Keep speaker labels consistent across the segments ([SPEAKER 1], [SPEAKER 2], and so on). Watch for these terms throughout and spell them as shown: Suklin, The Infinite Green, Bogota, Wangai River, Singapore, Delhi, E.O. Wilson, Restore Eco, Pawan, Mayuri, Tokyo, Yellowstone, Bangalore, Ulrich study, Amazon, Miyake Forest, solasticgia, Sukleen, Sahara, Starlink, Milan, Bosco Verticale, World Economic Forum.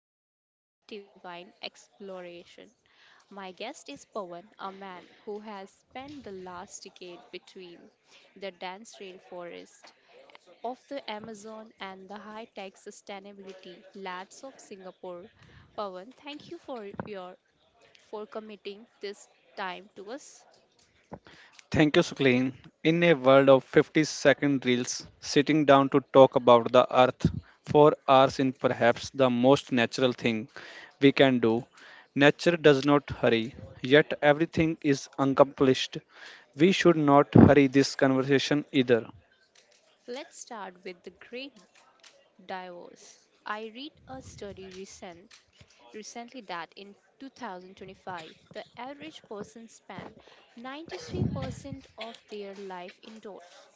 [SPEAKER 1] down for a deep divine exploration. My guest is Pawan, a man who has spent the last decade between the dense rainforest of the Amazon and the high tech sustainability labs of Singapore. Pawan, thank you for committing this time to us.
[SPEAKER 2] Thank you, Suklin. In a world of 50-second reels, sitting down to talk about the earth for hours is perhaps the most natural thing we can do. Nature does not hurry, yet everything is accomplished. We should not hurry this conversation either.
[SPEAKER 1] Let's start with the great divorce. I read a study recently that in 2025, the average person spent 93% of their life indoors.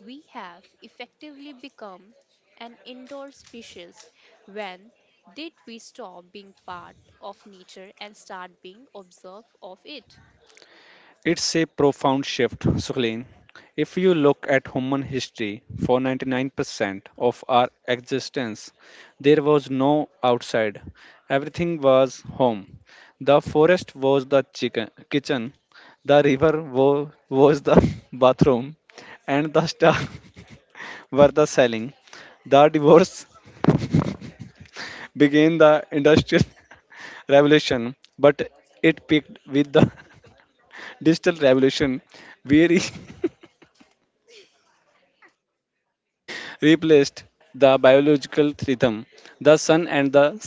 [SPEAKER 1] We have effectively become an indoor species. When did we stop being part of nature and start being observed of it?
[SPEAKER 2] It's a profound shift, Sukleen. If you look at human history, for 99% of our existence, there was no outside. Everything was home. The forest was the kitchen, the river was the bathroom, and the stars were the selling. The divorce began the industrial revolution, but it peaked with the digital revolution. We replaced the biological rhythm, the sun and the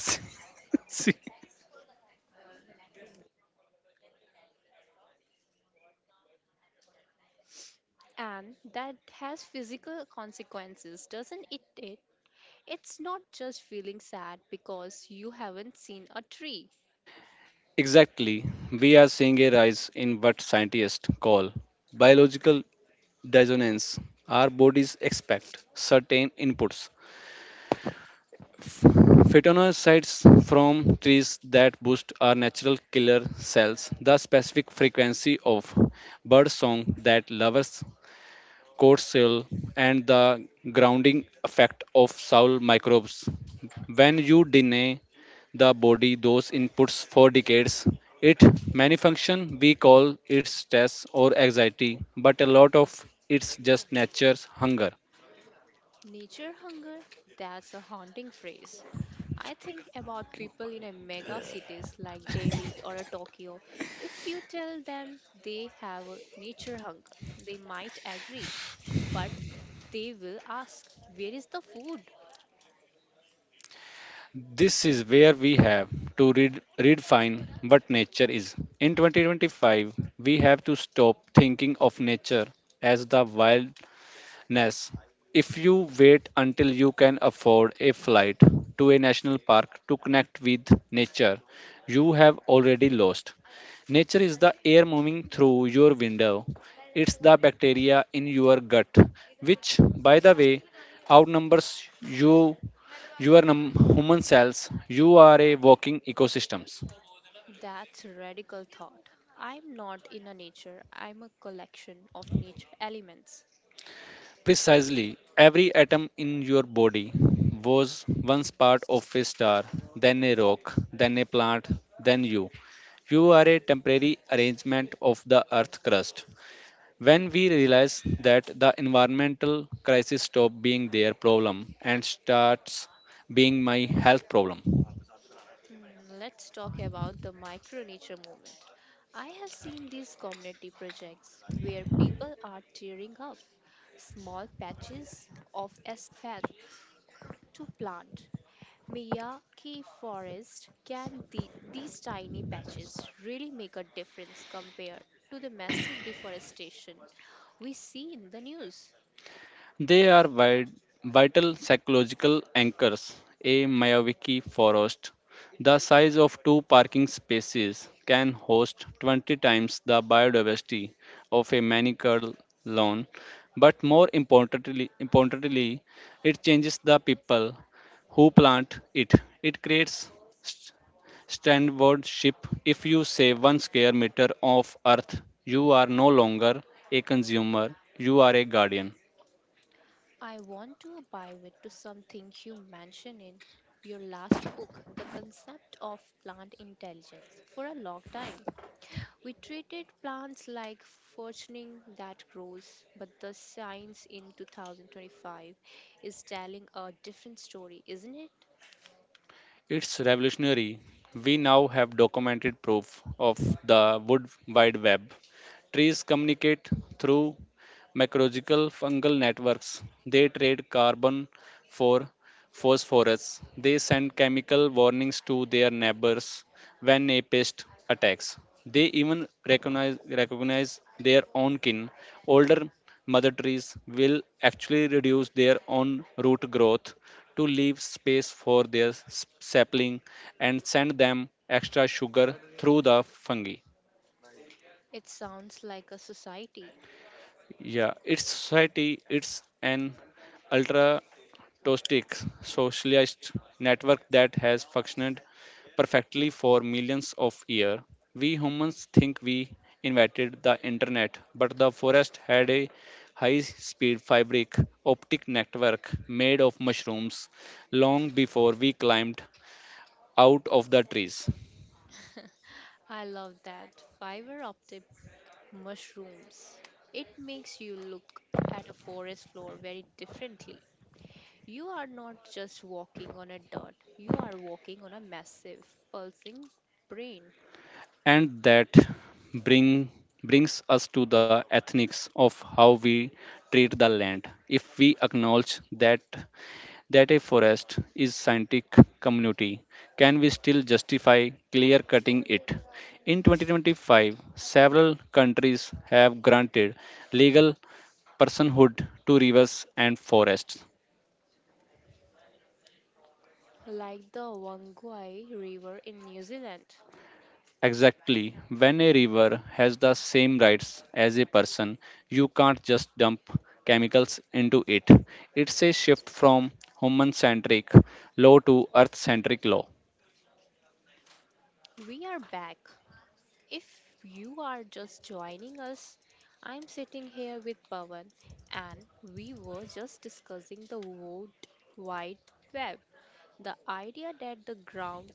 [SPEAKER 2] sea.
[SPEAKER 1] And that has physical consequences doesn't it, it's not just feeling sad because you haven't seen a tree.
[SPEAKER 2] Exactly, we are seeing a rise in what scientists call biological dissonance. Our bodies expect certain inputs, phytonutrients from trees that boost our natural killer cells, the specific frequency of bird song that lovers coarse cell, and the grounding effect of soil microbes. When you deny the body those inputs for decades, it malfunction. We call it stress or anxiety, but a lot of it's just nature's hunger.
[SPEAKER 1] Nature hunger, that's a haunting phrase. I think about people in a mega cities like Delhi or a Tokyo. If you tell them they have a nature hunger, they might agree, but they will ask, where is the food?
[SPEAKER 2] This is where we have to redefine what nature is. In 2025, we have to stop thinking of nature as the wild Ness. If you wait until you can afford a flight to a national park to connect with nature, you have already lost. Nature is the air moving through your window. It's the bacteria in your gut, which, by the way, outnumbers you, your human cells. You are a walking ecosystem.
[SPEAKER 1] That's a radical thought. I'm not in a nature, I'm a collection of nature elements.
[SPEAKER 2] Precisely, every atom in your body was once part of a star, then a rock, then a plant, then you. You are a temporary arrangement of the earth crust. When we realize that, the environmental crisis stops being their problem and starts being my health problem.
[SPEAKER 1] Hmm, let's talk about the micro nature movement. I have seen these community projects where people are tearing up small patches of aspen to plant. Miyake Forest, can the, these tiny patches really make a difference compared to the massive deforestation we see in the news?
[SPEAKER 2] They are vi- vital psychological anchors. A Mayawaki forest, the size of two parking spaces, can host 20 times the biodiversity of a manicured lawn. But more importantly, it changes the people who plant it. It creates st- stewardship. If you save one square meter of earth, you are no longer a consumer, you are a guardian.
[SPEAKER 1] I want to abide it to something you mentioned in your last book, the concept of plant intelligence. For a long time, we treated plants like fortune that grows, but the science in 2025 is telling a different story, isn't it?
[SPEAKER 2] It's revolutionary. We now have documented proof of the wood wide web. Trees communicate through mycorrhizal fungal networks. They trade carbon for phosphorus. They send chemical warnings to their neighbors when a pest attacks. They even recognize their own kin. Older mother trees will actually reduce their own root growth to leave space for their sapling and send them extra sugar through the fungi.
[SPEAKER 1] It sounds like a society.
[SPEAKER 2] Yeah, its society, it's an ultra tostic socialist network that has functioned perfectly for millions of years. We humans think we invented the internet, but the forest had a high speed fabric optic network made of mushrooms long before we climbed out of the trees.
[SPEAKER 1] I love that, fiber optic mushrooms. It makes you look at a forest floor very differently. You are not just walking on a dirt. You are walking on a massive, pulsing brain,
[SPEAKER 2] And that bring brings us to the ethics of how we treat the land. If we acknowledge that a forest is scientific community, can we still justify clear cutting it? In 2025, several countries have granted legal personhood to rivers and forests.
[SPEAKER 1] like the Wangai River in New Zealand.
[SPEAKER 2] Exactly. When a river has the same rights as a person, you can't just dump chemicals into it. It's a shift from human centric law to earth centric law.
[SPEAKER 1] We are back. If you are just joining us, I'm sitting here with Pawan, and we were just discussing the World Wide Web, the idea that the ground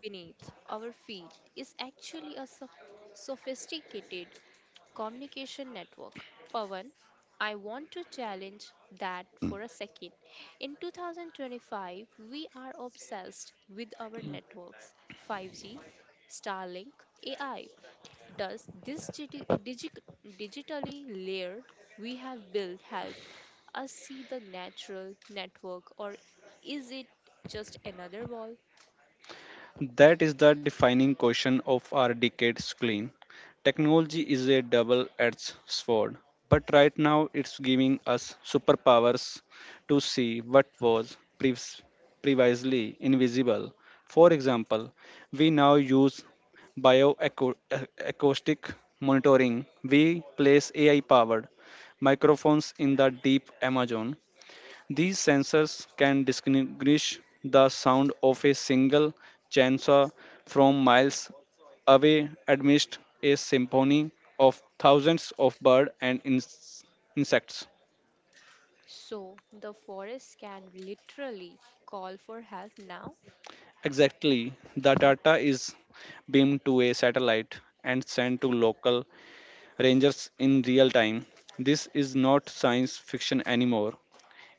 [SPEAKER 1] beneath our feet is actually a sophisticated communication network. Pawan, I want to challenge that for a second. In 2025, we are obsessed with our networks, 5G, Starlink, AI. Does this digitally layer we have built help us see the natural network or is it just another wall?
[SPEAKER 2] That is the defining question of our decade's clean. Technology is a double edged sword, but right now it's giving us superpowers to see what was previously invisible. For example, we now use bioacoustic monitoring. We place AI powered microphones in the deep Amazon. These sensors can distinguish the sound of a single chainsaw from miles away amidst a symphony of thousands of birds and insects.
[SPEAKER 1] So the forest can literally call for help now.
[SPEAKER 2] Exactly, the data is beamed to a satellite and sent to local rangers in real time. This is not science fiction anymore.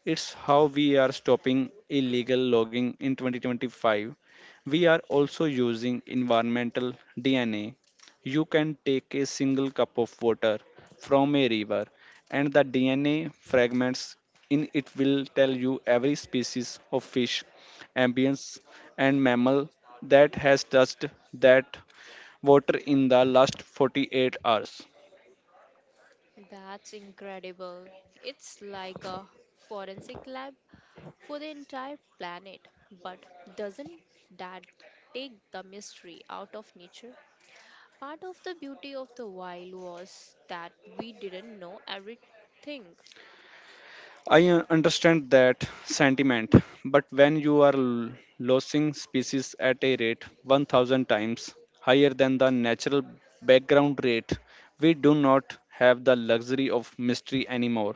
[SPEAKER 2] It's how we are stopping illegal logging in 2025. We are also using environmental DNA. You can take a single cup of water from a river, and the DNA fragments in it will tell you every species of fish, amphibians, and mammal that has touched that water in the last 48 hours.
[SPEAKER 1] That's incredible. It's like a forensic lab for the entire planet. But doesn't that take the mystery out of nature? Part of the beauty of the wild was that we didn't know everything.
[SPEAKER 2] I understand that sentiment, but when you are losing species at a rate 1,000 times higher than the natural background rate, we do not have the luxury of mystery anymore.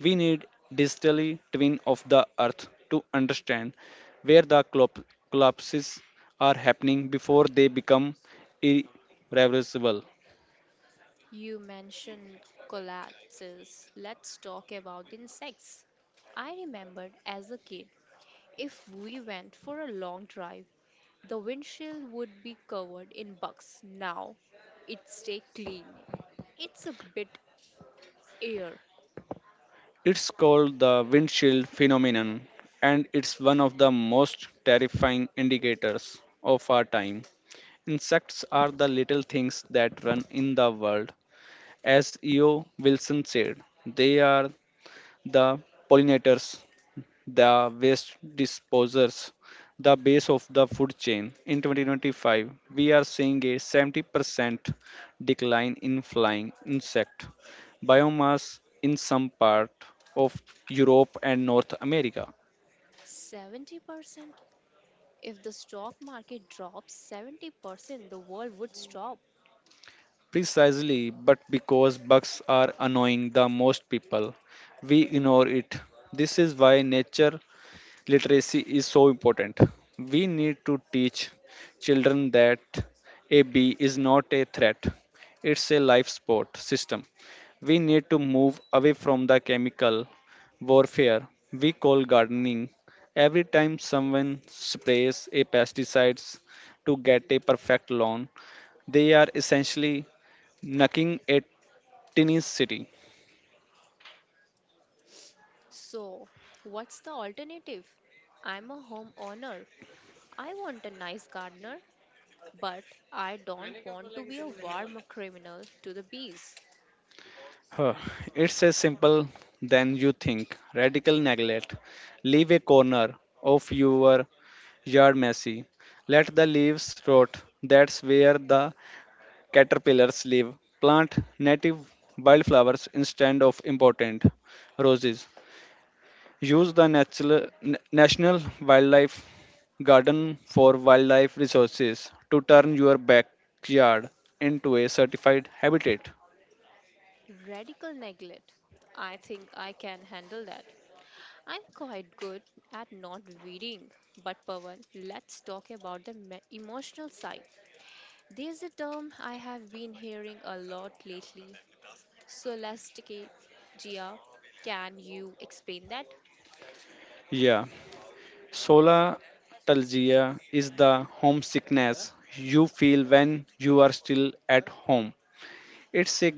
[SPEAKER 2] We need digitally twin of the earth to understand where the collapses are happening before they become irreversible.
[SPEAKER 1] You mentioned collapses. Let's talk about the insects. I remembered as a kid, if we went for a long drive, the windshield would be covered in bugs. Now it stay clean. It's a bit air.
[SPEAKER 2] It's called the windshield phenomenon, and it's one of the most terrifying indicators of our time. Insects are the little things that run in the world. As E.O. Wilson said, they are the pollinators, the waste disposers, the base of the food chain. In 2025, we are seeing a 70% decline in flying insect biomass in some part of Europe and North America.
[SPEAKER 1] 70%? If the stock market drops 70%, the world would stop.
[SPEAKER 2] Precisely, but because bugs are annoying the most people, we ignore it. This is why nature literacy is so important. We need to teach children that a bee is not a threat, it's a life support system. We need to move away from the chemical warfare we call gardening. Every time someone sprays a pesticides to get a perfect lawn, they are essentially knocking a tiny city.
[SPEAKER 1] So, what's the alternative? I'm a homeowner. I want a nice gardener, but I don't want to be a warm criminal to the bees.
[SPEAKER 2] Huh, It's as simple than you think. Radical neglect. Leave a corner of your yard messy. Let the leaves rot. That's where the caterpillars live. Plant native wildflowers instead of important roses. Use the National Wildlife Garden for wildlife resources to turn your backyard into a certified habitat.
[SPEAKER 1] Radical neglect. I think I can handle that. I'm quite good at not reading, but Pawan, let's talk about the emotional side. There's a term I have been hearing a lot lately, solasticgia. Can you explain that?
[SPEAKER 2] Yeah. Sola Solastalgia is the homesickness you feel when you are still at home. It's a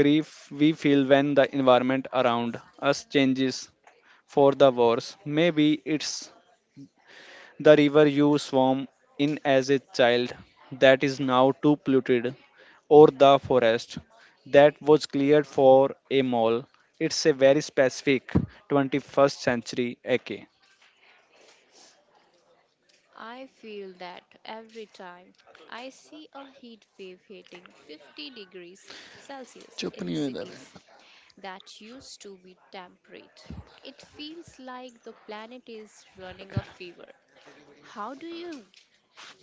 [SPEAKER 2] grief we feel when the environment around us changes for the worse. Maybe it's the river you swam in as a child that is now too polluted, or the forest that was cleared for a mall. It's a very specific 21st century ache.
[SPEAKER 1] I feel that every time I see a heat wave hitting 50 degrees Celsius
[SPEAKER 2] चुप
[SPEAKER 1] in
[SPEAKER 2] नहीं हुए
[SPEAKER 1] cities that used to be temperate, it feels like the planet is running a fever. How do you,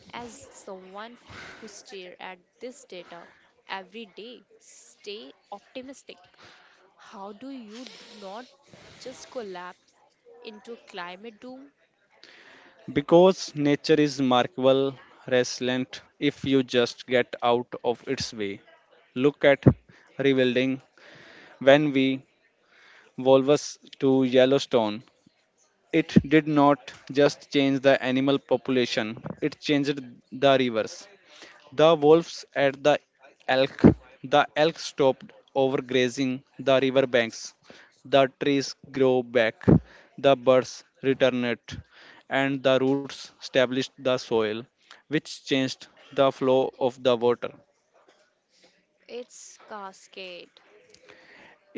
[SPEAKER 1] as someone who stare at this data every day, stay optimistic? How do you not just collapse into climate doom?
[SPEAKER 2] Because nature is remarkable, resilient if you just get out of its way. Look at rebuilding. When we volvus to Yellowstone, it did not just change the animal population, it changed the rivers. The wolves at the elk. The elk stopped overgrazing the river banks. The trees grew back. The birds returned, and the roots established the soil, which changed the flow of the water.
[SPEAKER 1] It's cascade.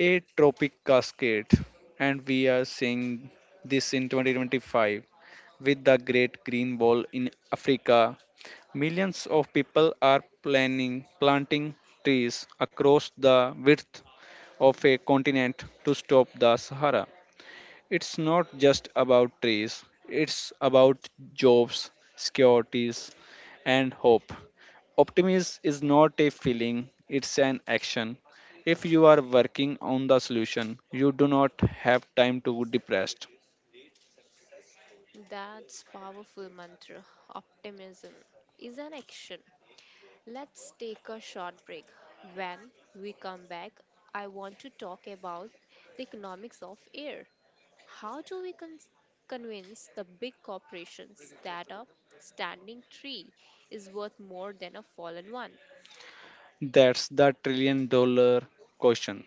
[SPEAKER 2] A tropic cascade. And we are seeing this in 2025 with the Great Green Wall in Africa. Millions of people are planning planting trees across the width of a continent to stop the Sahara. It's not just about trees, it's about jobs, securities, and hope. Optimism is not a feeling, it's an action. If you are working on the solution, you do not have time to be depressed.
[SPEAKER 1] That's powerful mantra. Optimism is an action. Let's take a short break. When we come back, I want to talk about the economics of air. How do we convince the big corporations that a standing tree is worth more than a fallen one?
[SPEAKER 2] That's the trillion dollar question.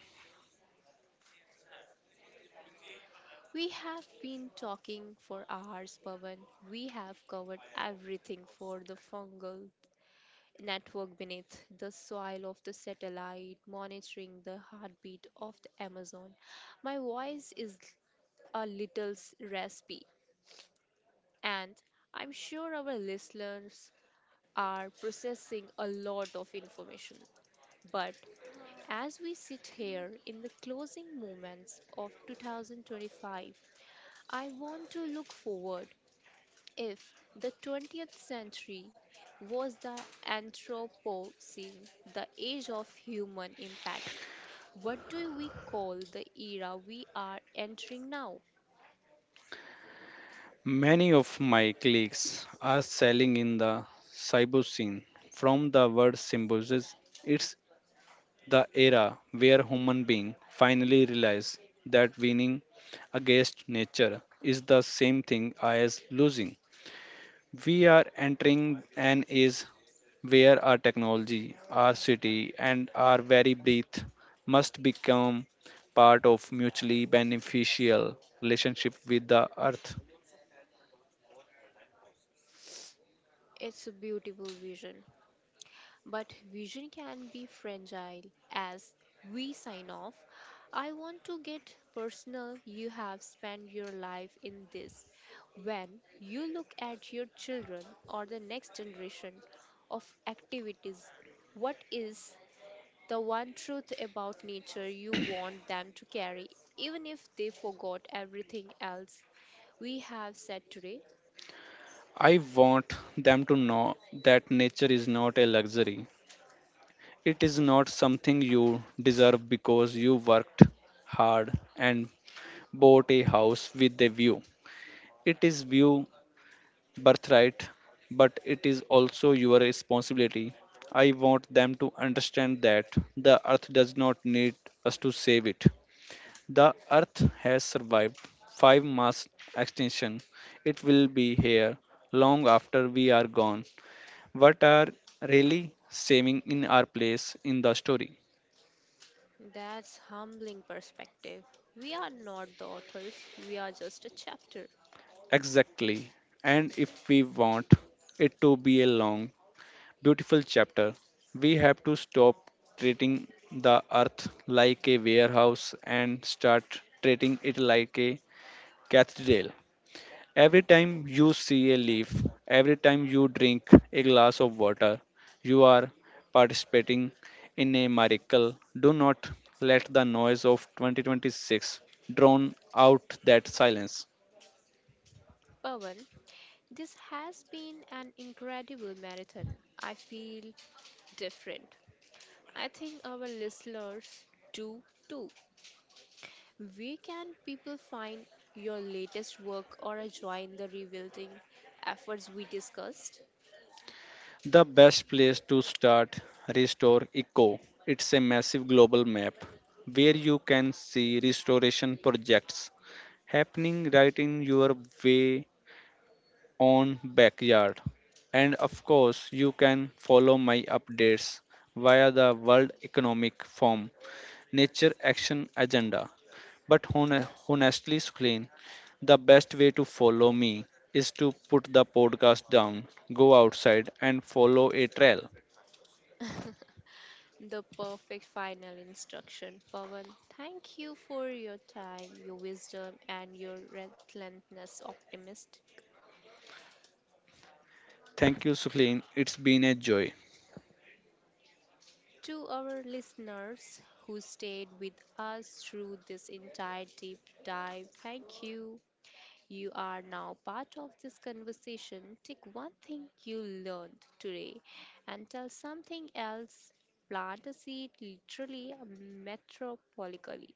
[SPEAKER 1] We have been talking for hours, Pavan. We have covered everything for the fungal network beneath the soil of the satellite, monitoring the heartbeat of the Amazon. My voice is a little raspy, and I'm sure our listeners are processing a lot of information. But as we sit here in the closing moments of 2025, I want to look forward. If the 20th century was the Anthropocene, the age of human impact, what do we call the era we are entering now?
[SPEAKER 2] Many of my colleagues are selling in the cyber scene. From the word symbiosis, it the era where human beings finally realize that winning against nature is the same thing as losing. We are entering an age where our technology, our city, and our very breath must become part of mutually beneficial relationship with the earth.
[SPEAKER 1] It's a beautiful vision, but vision can be fragile. As we sign off, I want to get personal. You have spent your life in this. When you look at your children or the next generation of activities, what is the one truth about nature you want them to carry, even if they forgot everything else we have said today?
[SPEAKER 2] I want them to know that nature is not a luxury. It is not something you deserve because you worked hard and bought a house with a view. It is view birthright, but it is also your responsibility. I want them to understand that the earth does not need us to save it. The earth has survived five mass extinction. It will be here long after we are gone. What are really saving in our place in the story?
[SPEAKER 1] That's humbling perspective. We are not the authors, we are just a chapter.
[SPEAKER 2] Exactly. And if we want it to be a long, beautiful chapter, we have to stop treating the earth like a warehouse and start treating it like a cathedral. Every time you see a leaf, every time you drink a glass of water, you are participating in a miracle. Do not let the noise of 2026 drown out that silence.
[SPEAKER 1] Pawan, this has been an incredible marathon. I feel different. I think our listeners do too. Where can people find your latest work or join the rebuilding efforts we discussed?
[SPEAKER 2] The best place to start, Restore Eco. It's a massive global map where you can see restoration projects happening right in your way own backyard. And of course, you can follow my updates via the World Economic Forum Nature Action Agenda. But honestly, Suklin, the best way to follow me is to put the podcast down, go outside, and follow a trail.
[SPEAKER 1] The perfect final instruction. Pawan, thank you for your time, your wisdom, and your relentless optimist.
[SPEAKER 2] Thank you, Sukleen. It's been a joy.
[SPEAKER 1] To our listeners who stayed with us through this entire deep dive, thank you. You are now part of this conversation. Take one thing you learned today and tell something else. Plant a seed, literally, metropolically.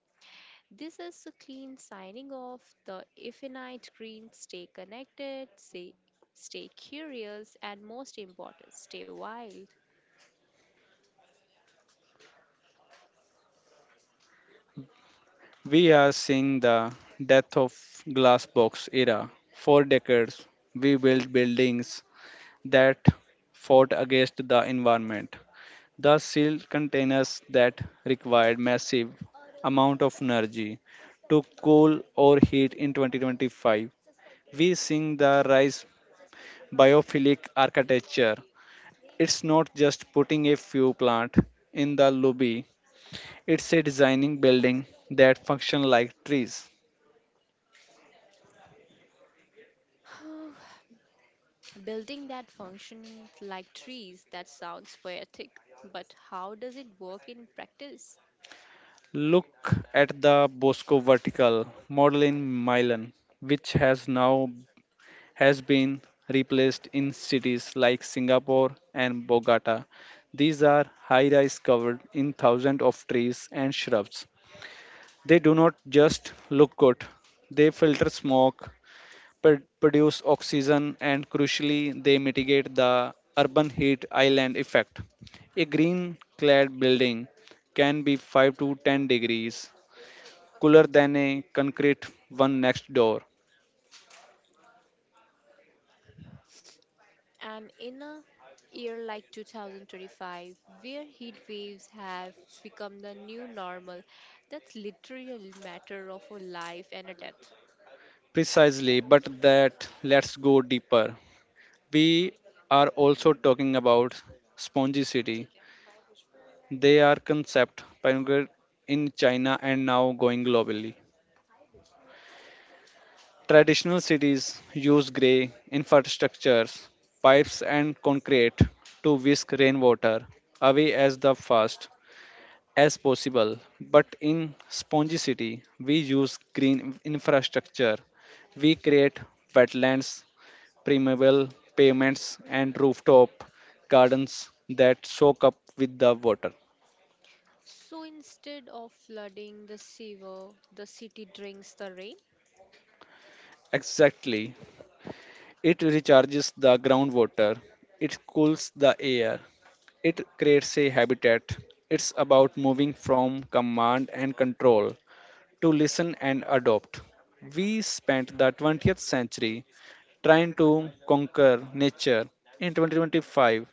[SPEAKER 1] This is a clean signing off the Infinite Green. Stay connected, stay curious, and most important, stay wild.
[SPEAKER 2] We are seeing the death of glass box era. For decades, we built buildings that fought against the environment. The sealed containers that required massive amount of energy to cool or heat. In 2025, we seeing the rise biophilic architecture. It's not just putting a few plant in the lobby. It's a designing building that function like trees.
[SPEAKER 1] Building that functioning like trees, that sounds poetic, but how does it work in practice?
[SPEAKER 2] Look at the Bosco vertical model in Milan, which has now has been replaced in cities like Singapore and Bogota. These are high-rise covered in thousands of trees and shrubs. They do not just look good; they filter smoke, produce oxygen, and crucially they mitigate the urban heat island effect. A green clad building can be 5 to 10 degrees cooler than a concrete one next door.
[SPEAKER 1] And in a year like 2025, where heat waves have become the new normal, that's literally a matter of a life and a death.
[SPEAKER 2] Precisely, but that, let's go deeper. We are also talking about spongy city. They are concept pioneered in China and now going globally. Traditional cities use grey infrastructures, pipes and concrete, to whisk rainwater away as the fast as possible. But in Spongy City, we use green infrastructure. We create wetlands, permeable pavements and rooftop gardens that soak up with the water.
[SPEAKER 1] So instead of flooding the sewer, the city drinks the rain.
[SPEAKER 2] Exactly. It recharges the groundwater. It cools the air. It creates a habitat. It's about moving from command and control to listen and adopt. We spent the 20th century trying to conquer nature. In 2025,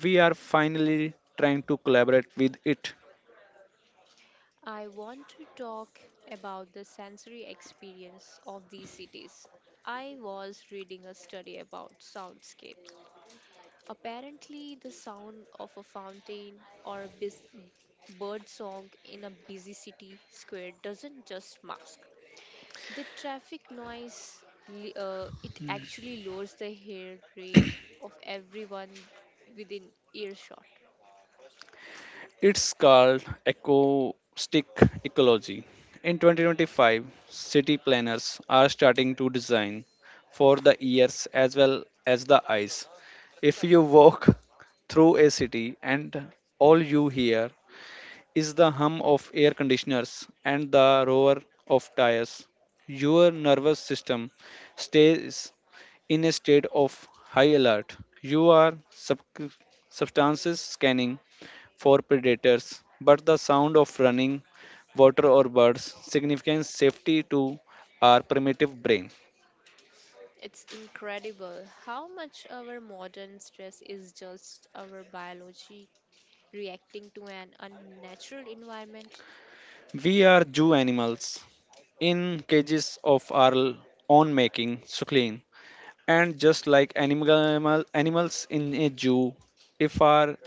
[SPEAKER 2] we are finally trying to collaborate with it.
[SPEAKER 1] I want to talk about the sensory experience of these cities. I was reading a study about soundscapes. Apparently, the sound of a fountain or a bird song in a busy city square doesn't just mask the traffic noise, it actually lowers the hair rate of everyone within earshot.
[SPEAKER 2] It's called acoustic ecology. In 2025, city planners are starting to design for the ears as well as the eyes. If you walk through a city and all you hear is the hum of air conditioners and the roar of tires, your nervous system stays in a state of high alert. You are substances scanning for predators, but the sound of running water or birds signifies safety to our primitive brain.
[SPEAKER 1] It's incredible how much our modern stress is just our biology reacting to an unnatural environment.
[SPEAKER 2] We are zoo animals in cages of our own making, Suklin. And just like animals in a zoo, if our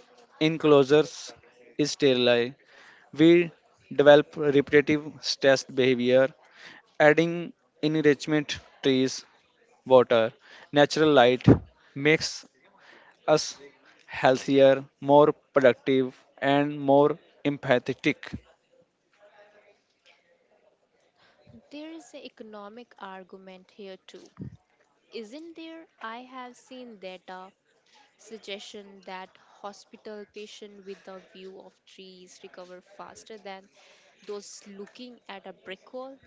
[SPEAKER 2] enclosures is sterile, we develop repetitive stress behavior, adding enrichment, trees, water, natural light makes us healthier, more productive, and more empathetic.
[SPEAKER 1] There is an economic argument here too. Isn't there? I have seen data suggestion that hospital patients with a view of trees recover faster than those looking at a brick wall.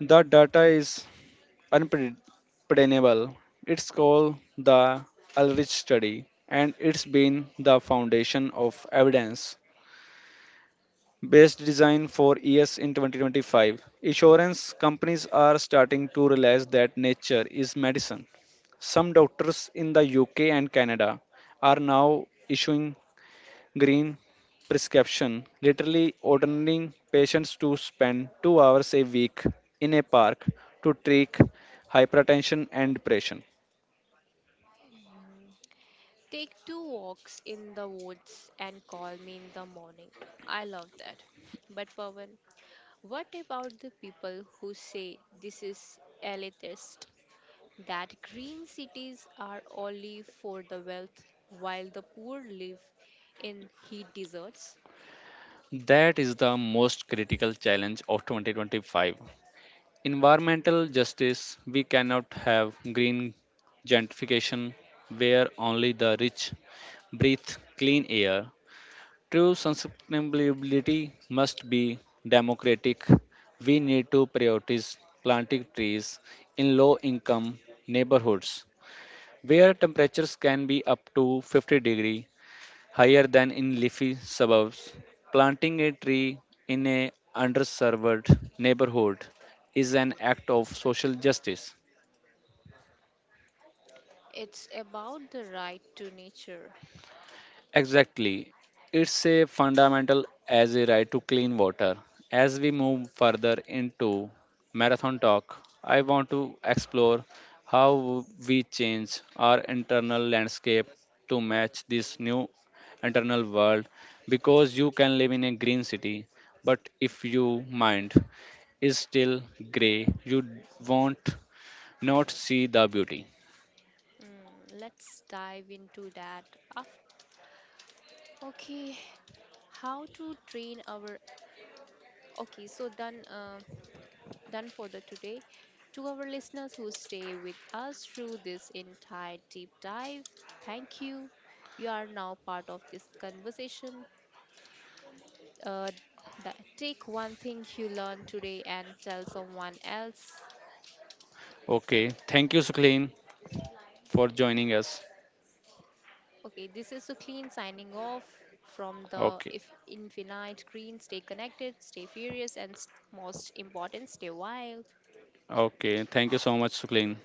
[SPEAKER 2] The data is unpredictable. It's called the Ulrich study and it's been the foundation of evidence based design for years. In 2025, insurance companies are starting to realize that nature is medicine. Some doctors in the UK and Canada are now issuing green prescription, literally ordering patients to spend 2 hours a week in a park to treat hypertension and depression.
[SPEAKER 1] Take two walks in the woods and call me in the morning. I love that. But Pawan, what about the people who say this is elitist, that green cities are only for the wealth while the poor live in heat deserts?
[SPEAKER 2] That is the most critical challenge of 2025. Environmental justice, we cannot have green gentrification where only the rich breathe clean air. True sustainability must be democratic. We need to prioritize planting trees in low income neighborhoods where temperatures can be up to 50 degree higher than in leafy suburbs. Planting a tree in a underserved neighborhood is an act of social justice.
[SPEAKER 1] It's about the right to nature.
[SPEAKER 2] Exactly. It's a fundamental as a right to clean water. As we move further into marathon talk, I want to explore how we change our internal landscape to match this new internal world, because you can live in a green city, but if you mind is still grey, you won't not see the beauty.
[SPEAKER 1] Mm, let's dive into that. Af- okay, how to train our. Okay, so then. Done for the today. To our listeners who stay with us through this entire deep dive, thank you. You are now part of this conversation. Uh, take one thing you learned today and tell someone else.
[SPEAKER 2] Okay. Thank you, Sukleen, for joining us.
[SPEAKER 1] Okay, this is Sukleen signing off from the
[SPEAKER 2] Okay.
[SPEAKER 1] if infinite green. Stay connected, stay furious, and most important, stay wild.
[SPEAKER 2] Okay. Thank you so much, Sukleen.